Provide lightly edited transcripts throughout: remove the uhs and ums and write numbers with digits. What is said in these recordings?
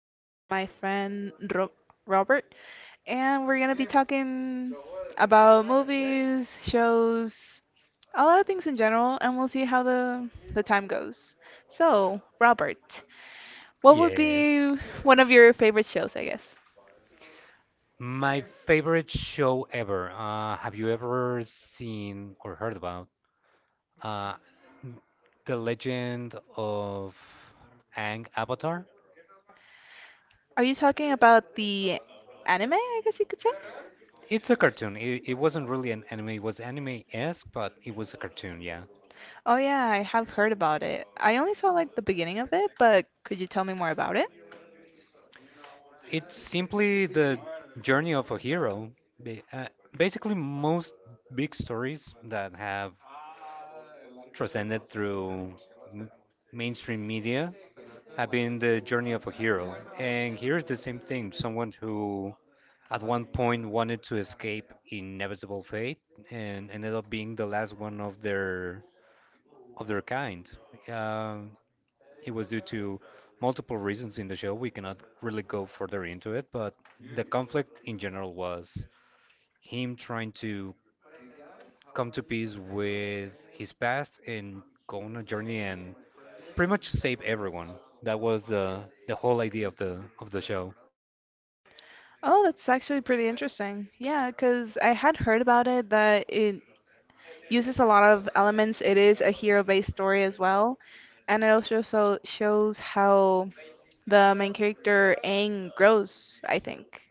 am with my friend Robert, and we're going to be talking about movies, shows, a lot of things in general, and we'll see how the time goes. So, Robert, what would Yes. be one of your favorite shows, I guess? My favorite show ever. Have you ever seen or heard about uh, The Legend of Aang Avatar? Are you talking about the anime, I guess you could say? It's a cartoon. It wasn't really an anime. It was anime-esque, but it was a cartoon, yeah. Oh, yeah, I have heard about it. I only saw like the beginning of it, but could you tell me more about it? It's simply the journey of a hero. Ba- uh, Basically, most big stories that have transcended through m- mainstream media I've been the journey of a hero. And here's the same thing, someone who at one point wanted to escape inevitable fate and ended up being the last one of their kind. Um, it was due to multiple reasons in the show. We cannot really go further into it, but the conflict in general was him trying to come to peace with his past and go on a journey and pretty much save everyone. That was the whole idea of the show. Oh, that's actually pretty interesting. Yeah, because I had heard about it that it uses a lot of elements. It is a hero-based story as well, and it also so shows how the main character Aang grows, I think.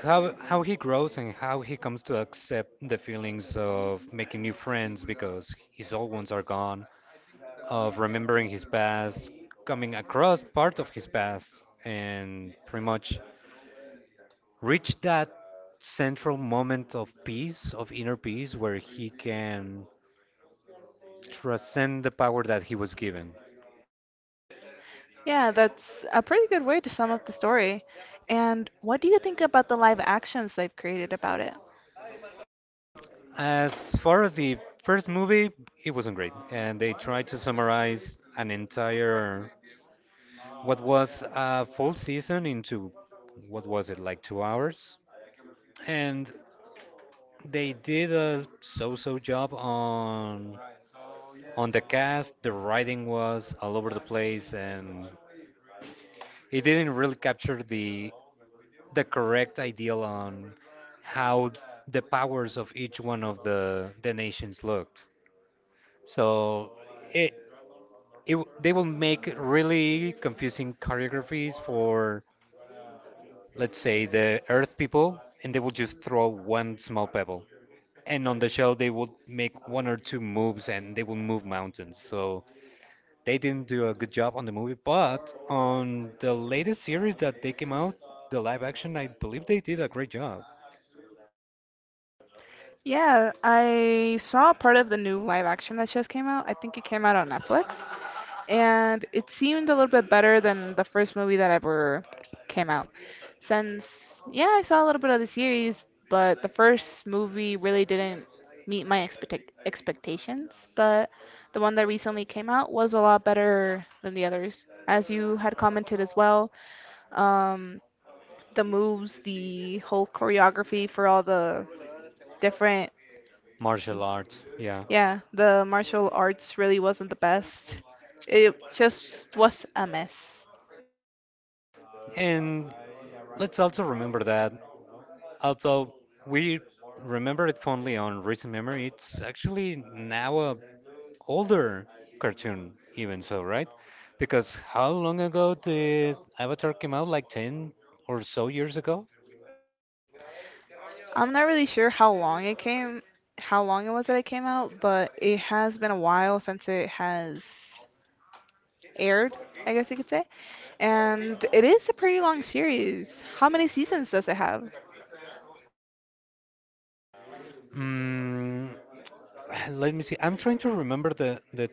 How he grows and how he comes to accept the feelings of making new friends because his old ones are gone, of remembering his past, coming across part of his past, and pretty much reach that central moment of peace, of inner peace, where he can transcend the power that he was given. Yeah, that's a pretty good way to sum up the story. And what do you think about the live actions they've created about it? As far as the first movie, it wasn't great, and they tried to summarize an entire what was a full season into what was it, like 2 hours, and they did a so-so job on the cast. The writing was all over the place, and it didn't really capture the correct ideal on how the powers of each one of the nations looked. So it, it they will make really confusing choreographies for, let's say, the earth people, and they will just throw one small pebble, and on the show they will make one or two moves and they will move mountains. So they didn't do a good job on the movie, but on the latest series that they came out, the live action, I believe they did a great job. Yeah, I saw part of the new live action that just came out. I think it came out on Netflix. And it seemed a little bit better than the first movie that ever came out. Since, yeah, I saw a little bit of the series, but the first movie really didn't meet my expectations. But the one that recently came out was a lot better than the others, as you had commented as well. Um, the moves, the whole choreography for all the different, Martial arts, yeah. yeah, the martial arts really wasn't the best. It just was a mess. And let's also remember that, although we remember it fondly on recent memory, it's actually now a older cartoon, even so, right? Because how long ago did Avatar came out? Like 10 or so years ago? I'm not really sure how long it came, how long it was that it came out, but it has been a while since it has aired, I guess you could say. And it is a pretty long series. How many seasons does it have? Mm, let me see. I'm trying to remember the the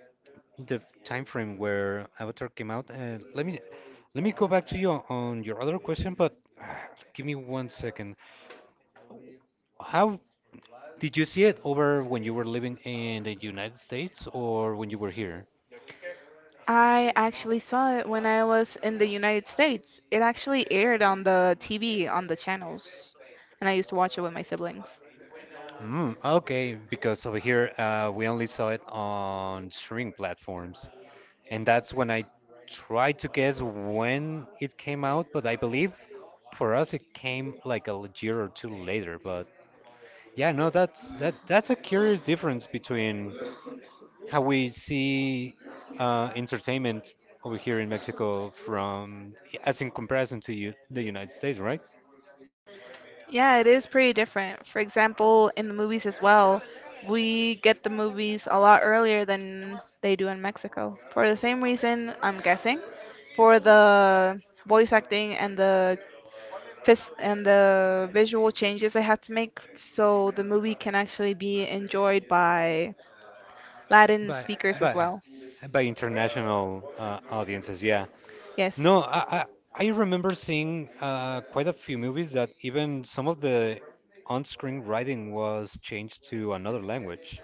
the time frame where Avatar came out. Let me let me go back to you on your other question, but give me one second. How did you see it over, when you were living in the United States or when you were here? I actually saw it when I was in the United States. It actually aired on the TV, on the channels, and I used to watch it with my siblings. Mm, okay, because over here we only saw it on streaming platforms, and that's when I tried to guess when it came out, but I believe for us it came like a year or two later. But yeah, no, that's that's a curious difference between how we see entertainment over here in Mexico from, as in comparison to you, the United States, right? Yeah, it is pretty different. For example, in the movies as well, we get the movies a lot earlier than they do in Mexico. For the same reason, I'm guessing, for the voice acting and the and the visual changes they have to make so the movie can actually be enjoyed by Latin By speakers as by well. by international audiences, yeah. Yes. No, I remember seeing quite a few movies that even some of the on-screen writing was changed to another language.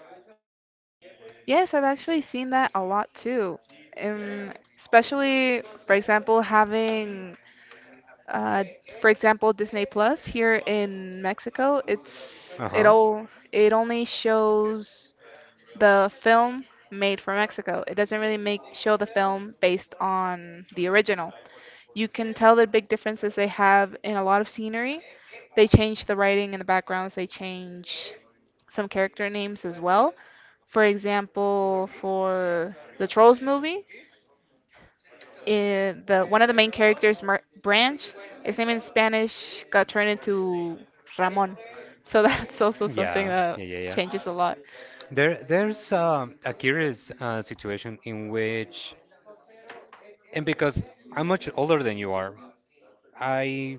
Yes, I've actually seen that a lot too. And especially, for example, having uh, for example, Disney Plus here in Mexico, it's it Uh-huh. all it only shows the film made for Mexico. It doesn't really make show the film based on the original. You can tell the big differences they have in a lot of scenery. They change the writing and the backgrounds. They change some character names as well. For example, for the Trolls movie, the one of the main characters, Mar Branch, his name in Spanish got turned into Ramon. So that's also something Yeah, that yeah, yeah, yeah. changes a lot. There's a curious situation in which, and because I'm much older than you are, I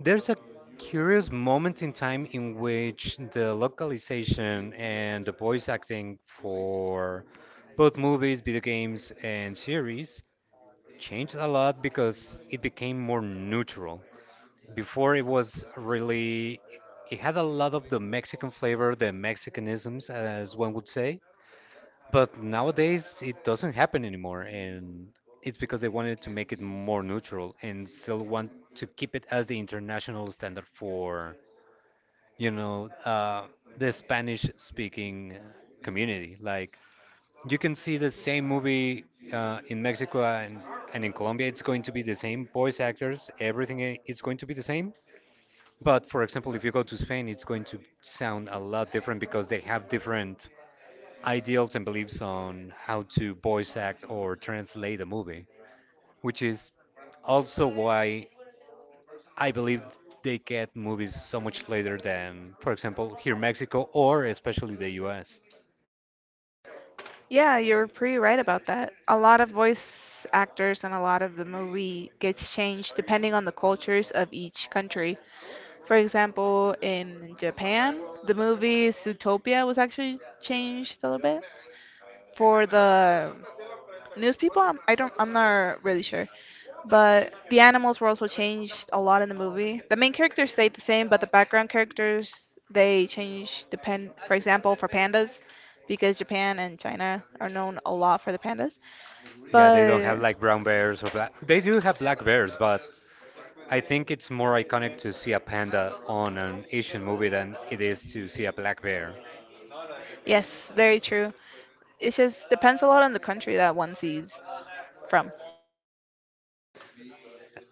there's a curious moment in time in which the localization and the voice acting for both movies, video games, and series changed a lot because it became more neutral. Before, it was really, it had a lot of the Mexican flavor, the Mexicanisms, as one would say. But nowadays it doesn't happen anymore, and it's because they wanted to make it more neutral and still want to keep it as the international standard for, you know, uh, the Spanish-speaking community. Like, you can see the same movie in Mexico and in Colombia. It's going to be the same voice actors, everything is going to be the same. But for example, if you go to Spain, it's going to sound a lot different because they have different ideals and beliefs on how to voice act or translate a movie, which is also why I believe they get movies so much later than, for example, here in Mexico or especially the US. Yeah, you're pretty right about that. A lot of voice actors and a lot of the movie gets changed depending on the cultures of each country. For example, in Japan, the movie Zootopia was actually changed a little bit for the news people. I'm, I don't I'm not really sure, but the animals were also changed a lot in the movie. The main characters stayed the same, but the background characters they changed depend, for example, for pandas, because Japan and China are known a lot for the pandas. Yeah, they don't have But like brown bears or black. They do have black bears, but I think it's more iconic to see a panda on an Asian movie than it is to see a black bear. yes, very true. It just depends a lot on the country that one sees from.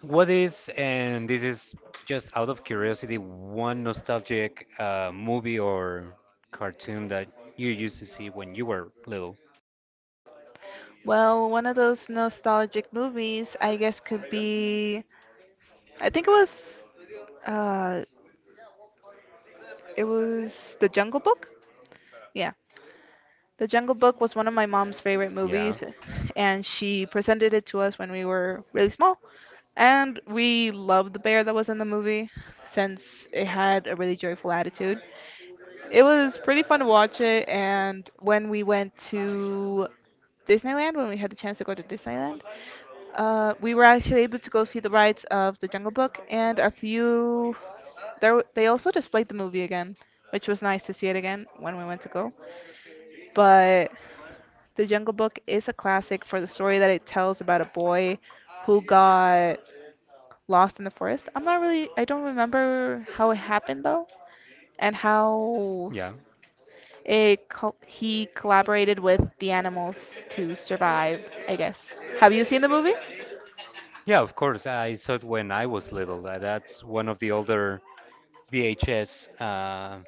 What is, and this is just out of curiosity, one nostalgic movie or cartoon that you used to see when you were little? Well, one of those nostalgic movies, I guess, could be, I think it was, uh it was The Jungle Book. Yeah, The Jungle Book was one of my mom's favorite Yeah, movies, and she presented it to us when we were really small. And we loved the bear that was in the movie since it had a really joyful attitude. It was pretty fun to watch it, and when we went to Disneyland, when we had the chance to go to Disneyland, we were actually able to go see the rides of The Jungle Book and a few. There, they also displayed the movie again, which was nice to see it again when we went to go. But The Jungle Book is a classic for the story that it tells about a boy who got lost in the forest. I'm not really, I don't remember how it happened though, and how yeah. it co he collaborated with the animals to survive, I guess. Have you seen the movie? Yeah, of course. I saw it when I was little. That's one of the older VHS,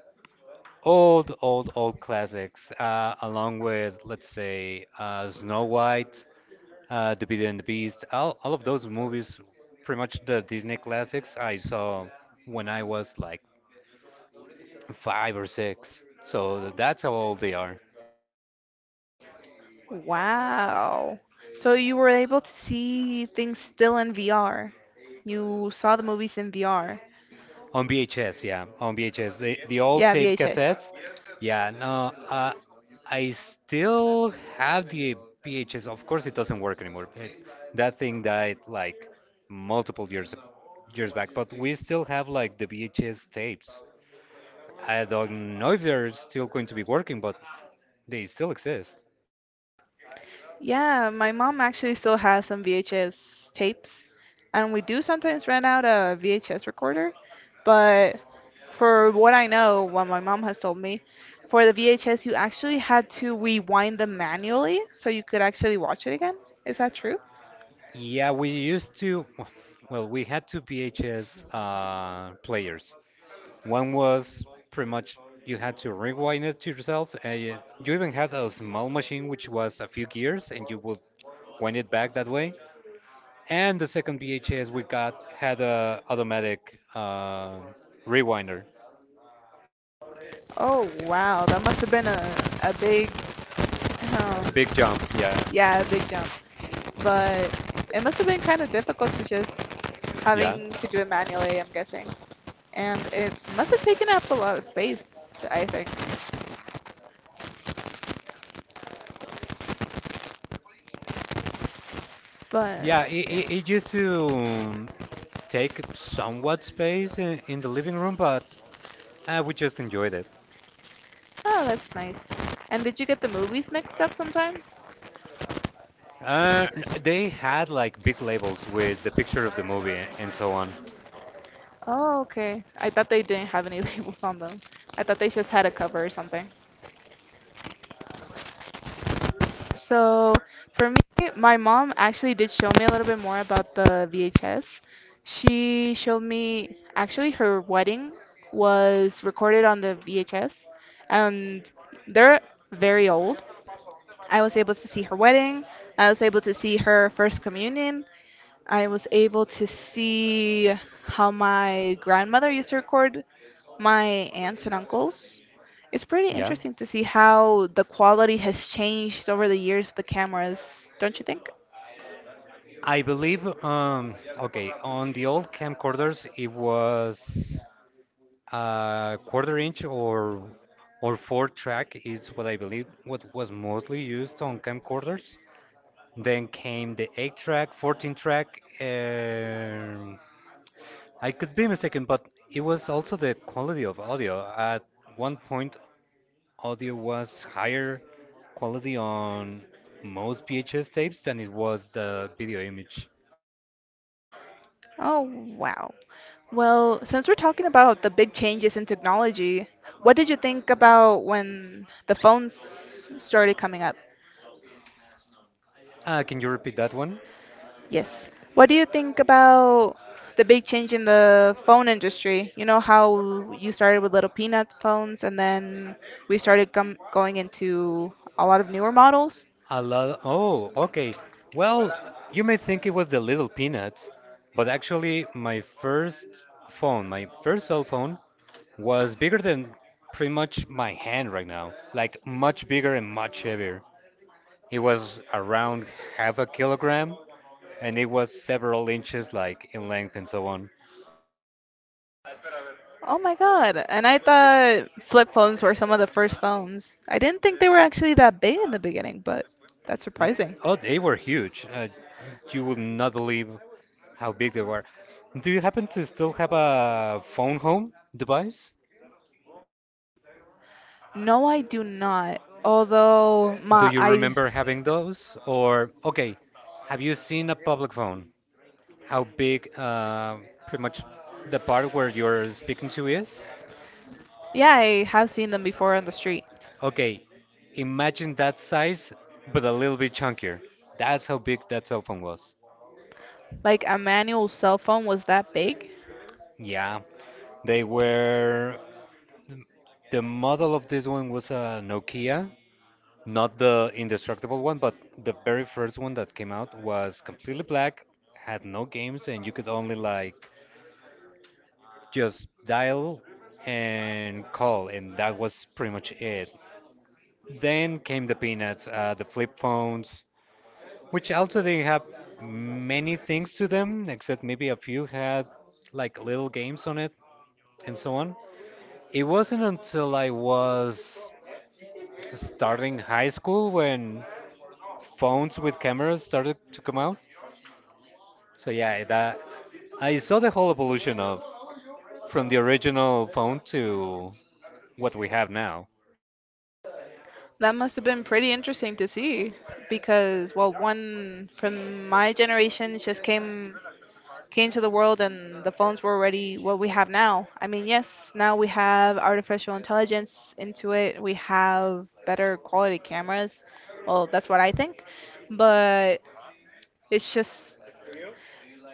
old, old, old classics, along with, let's say, Snow White, The Beauty and the Beast, all of those movies, pretty much the Disney classics, I saw when I was like five or six. So that's how old they are. Wow. So you were able to see things still in VR. You saw the movies in VR. On VHS, yeah, on VHS. The old Yeah, tape VHS. cassettes, yeah. No, uh, I still have the VHS. Of course, it doesn't work anymore. That thing died like multiple years back, but we still have like the VHS tapes. I don't know if they're still going to be working, but they still exist. Yeah, my mom actually still has some VHS tapes, and we do sometimes rent out a VHS recorder, but for what I know, what my mom has told me, for the VHS you actually had to rewind them manually so you could actually watch it again. Is that true? Yeah, we used to, well, we had two VHS players. One was pretty much you had to rewind it to yourself, and you even had a small machine which was a few gears, and you would wind it back that way. And the second VHS we got had a automatic rewinder, Oh wow, that must have been a big um a big jump. Yeah, yeah, a big jump. But it must have been kind of difficult to just yeah, having to do it manually, I'm guessing. And it must have taken up a lot of space, I think. But yeah. It, yeah, it, it used to take somewhat space in the living room, but we just enjoyed it. oh, that's nice. And did you get the movies mixed up sometimes? They had like big labels with the picture of the movie and so on. Oh, okay. I thought they didn't have any labels on them. I thought they just had a cover or something. So for me, my mom actually did show me a little bit more about the VHS. She showed me actually her wedding was recorded on the VHS, and they're very old. I was able to see her wedding. I was able to see her first communion. I was able to see how my grandmother used to record my aunts and uncles. It's pretty Yeah. interesting to see how the quality has changed over the years of the cameras, don't you think? I believe, okay, on the old camcorders, it was quarter inch or four track is what I believe what was mostly used on camcorders. Then came the eight track, 14 track. I could be mistaken, but it was also the quality of audio. At one point, audio was higher quality on most VHS tapes than it was the video image. Oh, wow. Well, since we're talking about the big changes in technology, what did you think about when the phones started coming up? Can you repeat that one? Yes. What do you think about the big change in the phone industry? You know how you started with little peanut phones and then we started com going into a lot of newer models? A lot. Oh, okay. Well, you may think it was the little peanuts, but actually, my first phone, my first cell phone, was bigger than pretty much my hand right now. Like, much bigger and much heavier. It was around half a kilogram, and it was several inches, like, in length and so on. Oh my God. And I thought flip phones were some of the first phones. I didn't think they were actually that big in the beginning, but that's surprising. Oh, they were huge. You will not believe how big they were. Do you happen to still have a phone home device? No, I do not. Although Do my you I remember having those? Or, okay, have you seen a public phone? How big, pretty much the part where you're speaking to is? yeah, I have seen them before on the street. Okay, imagine that size, but a little bit chunkier. That's how big that cell phone was. Like a manual cell phone was that big? Yeah, they were. The model of this one was a Nokia. Not the indestructible one, but the very first one that came out was completely black, had no games, and you could only like just dial and call, and that was pretty much it. Then came the Peanuts, the flip phones, which also didn't have many things to them, except maybe a few had like little games on it and so on. It wasn't until I was starting high school when phones with cameras started to come out. So yeah, that I saw the whole evolution of from the original phone to what we have now. That must have been pretty interesting to see, because well, one from my generation just came to the world and the phones were already what we have now. I mean, yes, now we have artificial intelligence into it. We have better quality cameras. Well, that's what I think. But it's just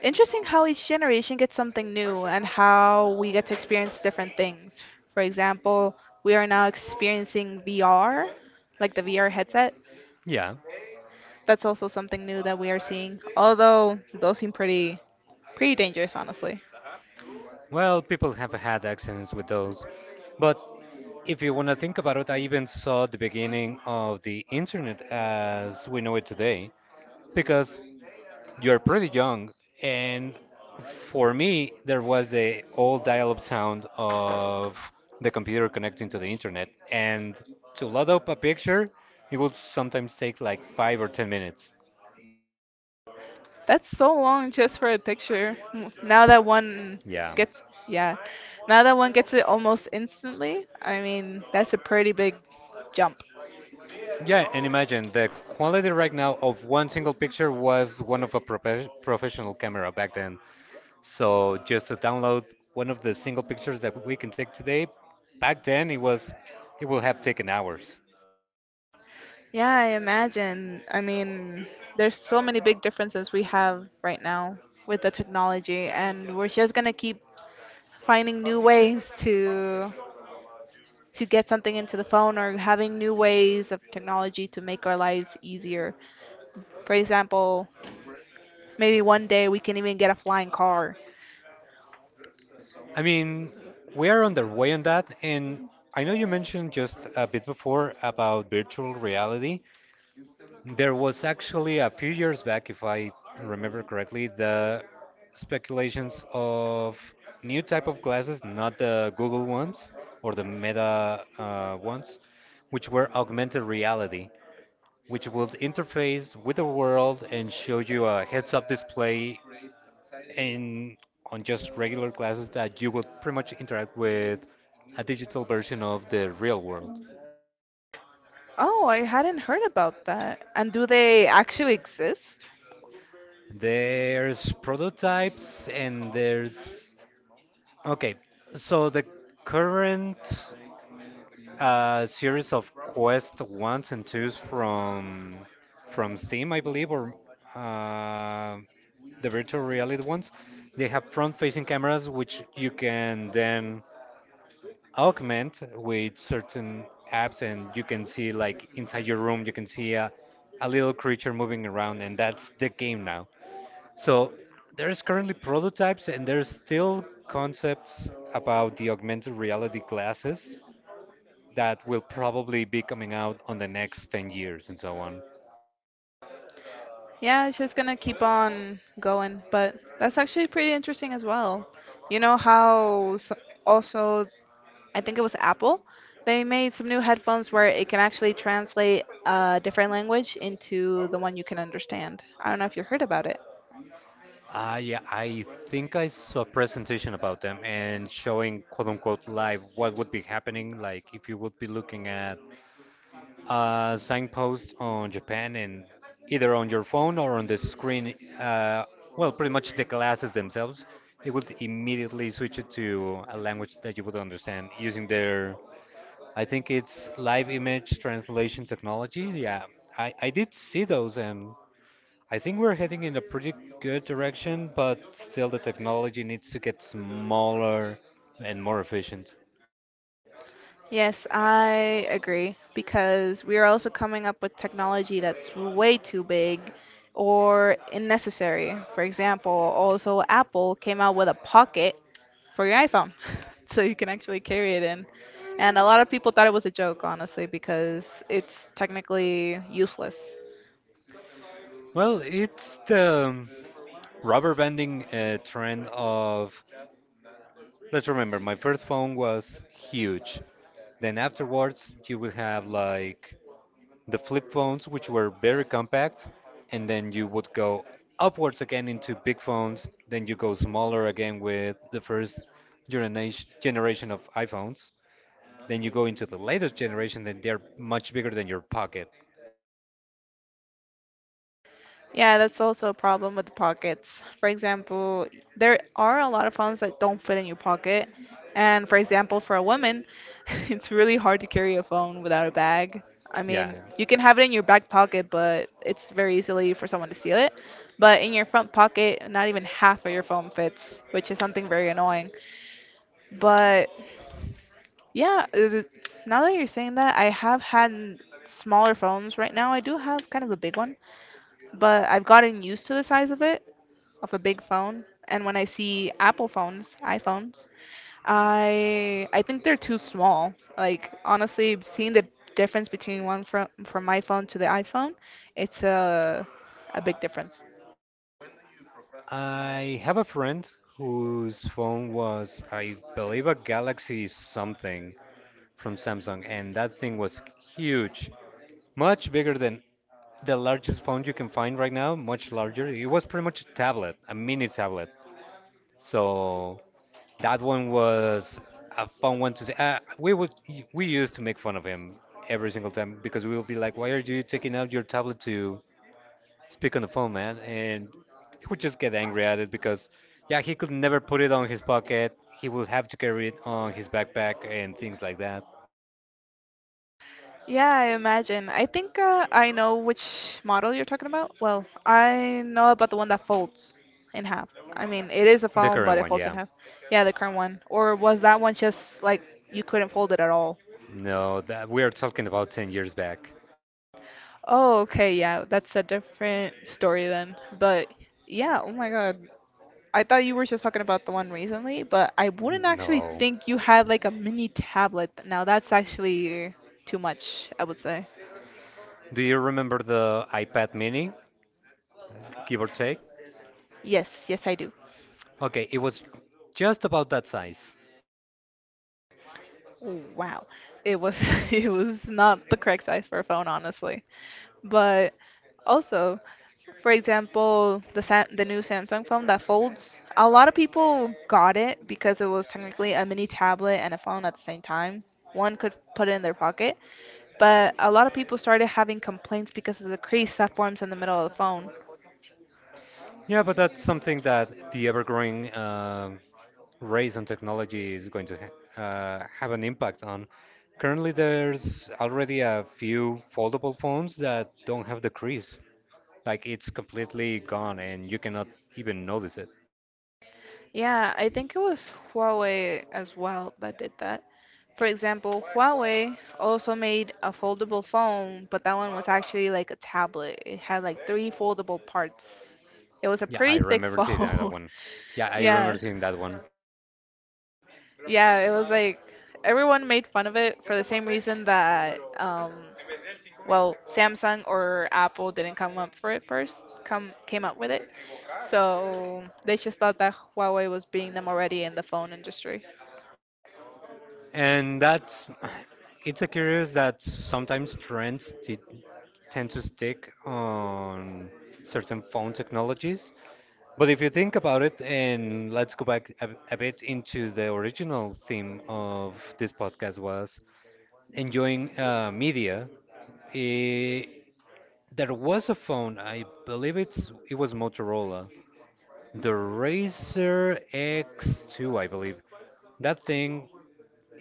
interesting how each generation gets something new and how we get to experience different things. For example, we are now experiencing VR, like the VR headset. Yeah. That's also something new that we are seeing, although those seem pretty dangerous, honestly. Well, people have had accidents with those. But if you want to think about it, I even saw the beginning of the internet as we know it today, because you're pretty young. And for me, there was the old dial up sound of the computer connecting to the internet. And to load up a picture, it would sometimes take like five or 10 minutes. That's so long just for a picture. Mm, Now that one Yeah. gets, yeah, now that one gets it almost instantly. I mean, that's a pretty big jump. Yeah, and imagine the quality right now of one single picture was one of a professional camera back then. So just to download one of the single pictures that we can take today, back then it was, it will have taken hours. Yeah, I imagine. I mean, there's so many big differences we have right now with the technology, and we're just gonna keep finding new ways to get something into the phone or having new ways of technology to make our lives easier. For example, maybe one day we can even get a flying car. I mean, we are on the way on that, and I know you mentioned just a bit before about virtual reality. There was actually a few years back, if I remember correctly, the speculations of new type of glasses, not the Google ones or the Meta ones, which were augmented reality, which would interface with the world and show you a heads-up display in on just regular classes that you will pretty much interact with a digital version of the real world. Oh, I hadn't heard about that. And do they actually exist? There's prototypes and there's okay. So the current series of Quest ones and twos from Steam, I believe, or uh, the virtual reality ones, they have front-facing cameras which you can then augment with certain apps, and you can see like inside your room you can see a little creature moving around, and that's the game now. So there's currently prototypes and there's still concepts about the augmented reality glasses that will probably be coming out on the next 10 years and so on. Yeah, it's just gonna keep on going, but that's actually pretty interesting as well. You know how s also, I think it was Apple, they made some new headphones where it can actually translate a different language into the one you can understand. I don't know if you heard about it. Ah, yeah, I think I saw a presentation about them and showing quote unquote live what would be happening, like if you would be looking at a signpost on Japan, and either on your phone or on the screen, well, pretty much the glasses themselves, it would immediately switch it to a language that you would understand using their, I think it's live image translation technology. Yeah, I did see those, and I think we're heading in a pretty good direction, but still the technology needs to get smaller and more efficient. Yes, I agree because we are also coming up with technology that's way too big or unnecessary. For example, also Apple came out with a pocket for your iPhone, so you can actually carry it in. And a lot of people thought it was a joke, honestly, because it's technically useless. Well, it's the rubber banding trend of— let's remember, my first phone was huge. Then afterwards, you would have like the flip phones, which were very compact, and then you would go upwards again into big phones. Then you go smaller again with the first generation of iPhones. Then you go into the latest generation, then they're much bigger than your pocket. Yeah, that's also a problem with the pockets. For example, there are a lot of phones that don't fit in your pocket. And for example, for a woman, it's really hard to carry a phone without a bag. I mean, Yeah. you can have it in your back pocket, but it's very easily for someone to steal it. But in your front pocket, not even half of your phone fits, which is something very annoying. But yeah, now that you're saying that, I have had smaller phones. Right now, I do have kind of a big one, but I've gotten used to the size of it of a big phone. And when I see Apple phones, iPhones, I think they're too small. Like honestly, seeing the difference between one from my phone to the iPhone, it's a big difference. I have a friend whose phone was, I believe, a Galaxy something, from Samsung, and that thing was huge, much bigger than the largest phone you can find right now, much larger. It was pretty much a tablet, a mini tablet. So that one was a fun one to say. We used to make fun of him every single time because we would be like, "Why are you taking out your tablet to speak on the phone, man?" And he would just get angry at it because, yeah, he could never put it on his pocket. He would have to carry it on his backpack and things like that. Yeah, I imagine. I think I know which model you're talking about. Well, I know about the one that folds in half. I mean, it is a The phone, current but it one, folds in yeah. half. Yeah, the current one. Or was that one just like you couldn't fold it at all? No, that we are talking about 10 years back. Oh, okay, yeah, that's a different story then. But yeah, oh my God. I thought you were just talking about the one recently, but I wouldn't actually No. think you had like a mini tablet. Now that's actually too much, I would say. Do you remember the iPad mini, give or take? Yes, yes, I do. Okay, it was just about that size. Oh, wow. It was it was not the correct size for a phone, honestly. But also, for example, the the new Samsung phone that folds, a lot of people got it because it was technically a mini tablet and a phone at the same time. One could put it in their pocket, but a lot of people started having complaints because of the crease that forms in the middle of the phone. Yeah, but that's something that the ever-growing race on technology is going to ha have an impact on. Currently, there's already a few foldable phones that don't have the crease. Like it's completely gone and you cannot even notice it. Yeah, I think it was Huawei as well that did that. For example, Huawei also made a foldable phone, but that one was actually like a tablet. It had like three foldable parts. It was a Yeah, I pretty thick remember seeing that phone. one. Yeah, I remember Yeah. seeing that one. Yeah, it was like everyone made fun of it for the same reason that Samsung or Apple didn't come up for it first, come came up with it. So they just thought that Huawei was beating them already in the phone industry. And that's— it's a curious that sometimes trends tend to stick on certain phone technologies. But if you think about it, and let's go back a bit, into the original theme of this podcast was enjoying media. Eh, there was a phone, I believe it was Motorola, the Razer X2, I believe. That thing,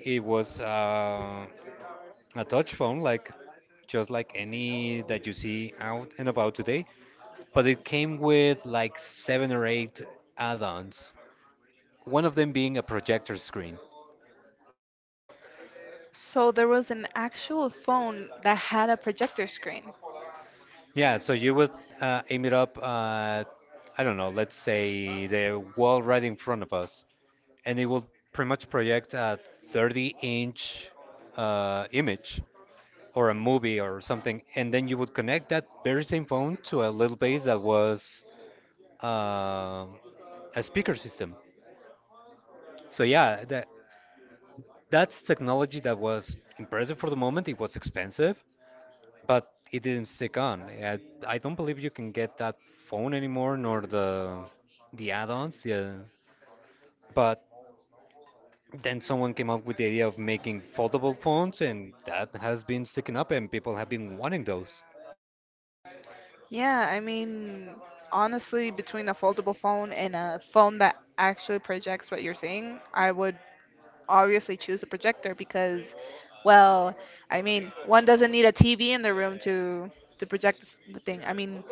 it was. A touch phone, like just like any that you see out and about today, but it came with like seven or eight add-ons. One of them being a projector screen. So there was an actual phone that had a projector screen. Yeah, so you would aim it up. I don't know. Let's say the wall right in front of us, and it will pretty much project a 30-inch image or a movie or something, and then you would connect that very same phone to a little base that was um a speaker system. So yeah, that's technology that was impressive for the moment. It was expensive, but it didn't stick on. I don't believe you can get that phone anymore, nor the add-ons. Yeah, but then someone came up with the idea of making foldable phones, and that has been sticking up, and people have been wanting those. Yeah, I mean, honestly, between a foldable phone and a phone that actually projects what you're seeing, I would obviously choose a projector because, well, I mean, one doesn't need a TV in the room to project the thing. I mean,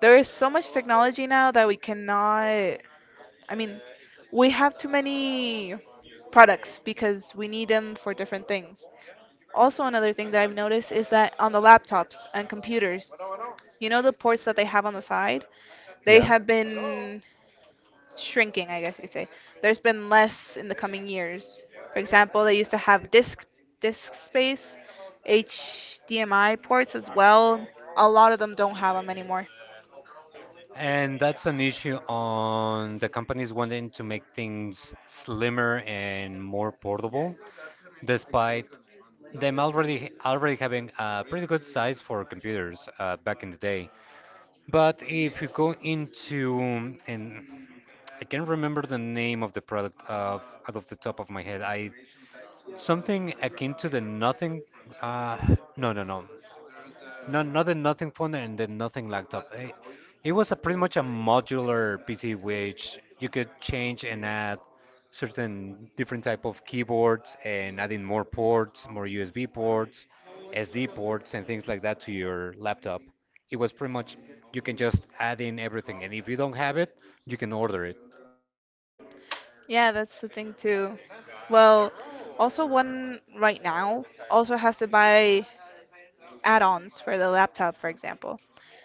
there is so much technology now that we cannot. I mean, we have too many products because we need them for different things. Also, another thing that I've noticed is that on the laptops and computers, you know the ports that they have on the side? They Yeah. have been shrinking, I guess you could say. There's been less in the coming years. For example, they used to have disk space, HDMI ports as well. A lot of them don't have them anymore. And that's an issue on the companies wanting to make things slimmer and more portable, despite them already having a pretty good size for computers back in the day. But if you go into— and I can't remember the name of the product of out of the top of my head. I— something akin to the nothing. Uh, no, no, no. No, not a nothing phone and then nothing laptop. It was a pretty much a modular PC which you could change and add certain different type of keyboards and adding more ports, more USB ports, SD ports and things like that to your laptop. It was pretty much you can just add in everything, and if you don't have it, you can order it. Yeah, that's the thing too. Well, also one right now also has to buy add-ons for the laptop, for example.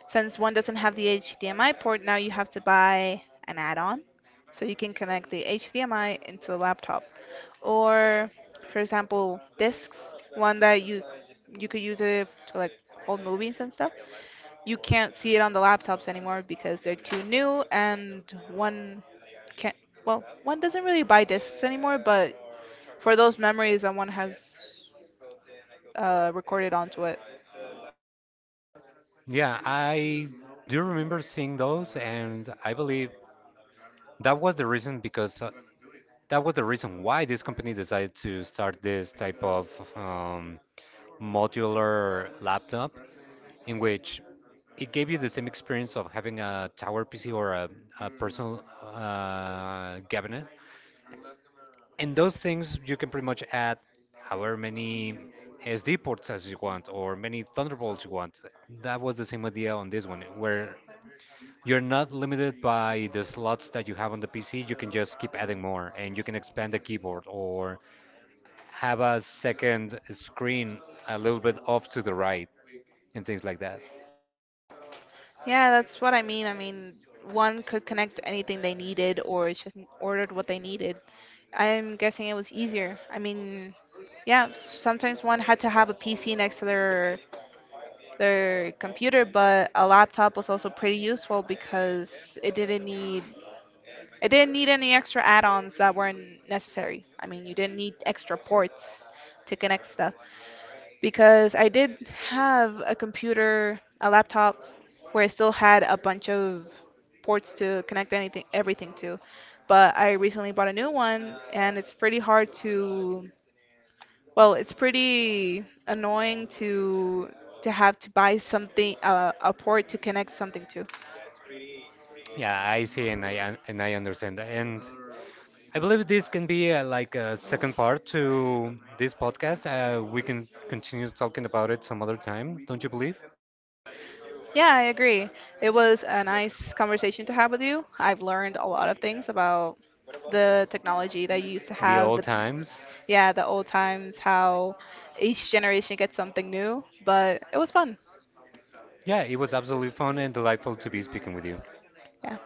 Since one doesn't have the HDMI port, now you have to buy an add-on so you can connect the HDMI into the laptop. Or, for example, discs, one that you could use it to like hold movies and stuff. You can't see it on the laptops anymore because they're too new and one can't well, one doesn't really buy discs anymore, but for those memories that one has recorded onto it. Yeah, I do remember seeing those, and I believe that was the reason because that was the reason why this company decided to start this type of um, modular laptop in which it gave you the same experience of having a tower PC or a personal cabinet. And those things you can pretty much add however many SD ports as you want or many Thunderbolts you want. That was the same idea on this one, where you're not limited by the slots that you have on the PC. You can just keep adding more and you can expand the keyboard or have a second screen a little bit off to the right and things like that. Yeah, that's what I mean. I mean, one could connect anything they needed or it's just ordered what they needed. I'm guessing it was easier. I mean, yeah, sometimes one had to have a PC next to their computer, but a laptop was also pretty useful because it didn't need any extra add-ons that weren't necessary. I mean, you didn't need extra ports to connect stuff because I did have a computer, a laptop, where it still had a bunch of ports to connect anything, everything to. But I recently bought a new one, and it's pretty hard to, well, it's pretty annoying to have to buy something, a port to connect something to. Yeah, I see and and I understand. And I believe this can be like a second part to this podcast. We can continue talking about it some other time, don't you believe? Yeah, I agree. It was a nice conversation to have with you. I've learned a lot of things about the technology that you used to The have, old the times. yeah, the old times, how each generation gets something new, but it was fun. Yeah, it was absolutely fun and delightful to be speaking with you. Yeah.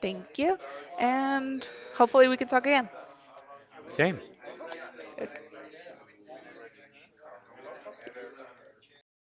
Thank you. And hopefully we can talk again. Same. Okay.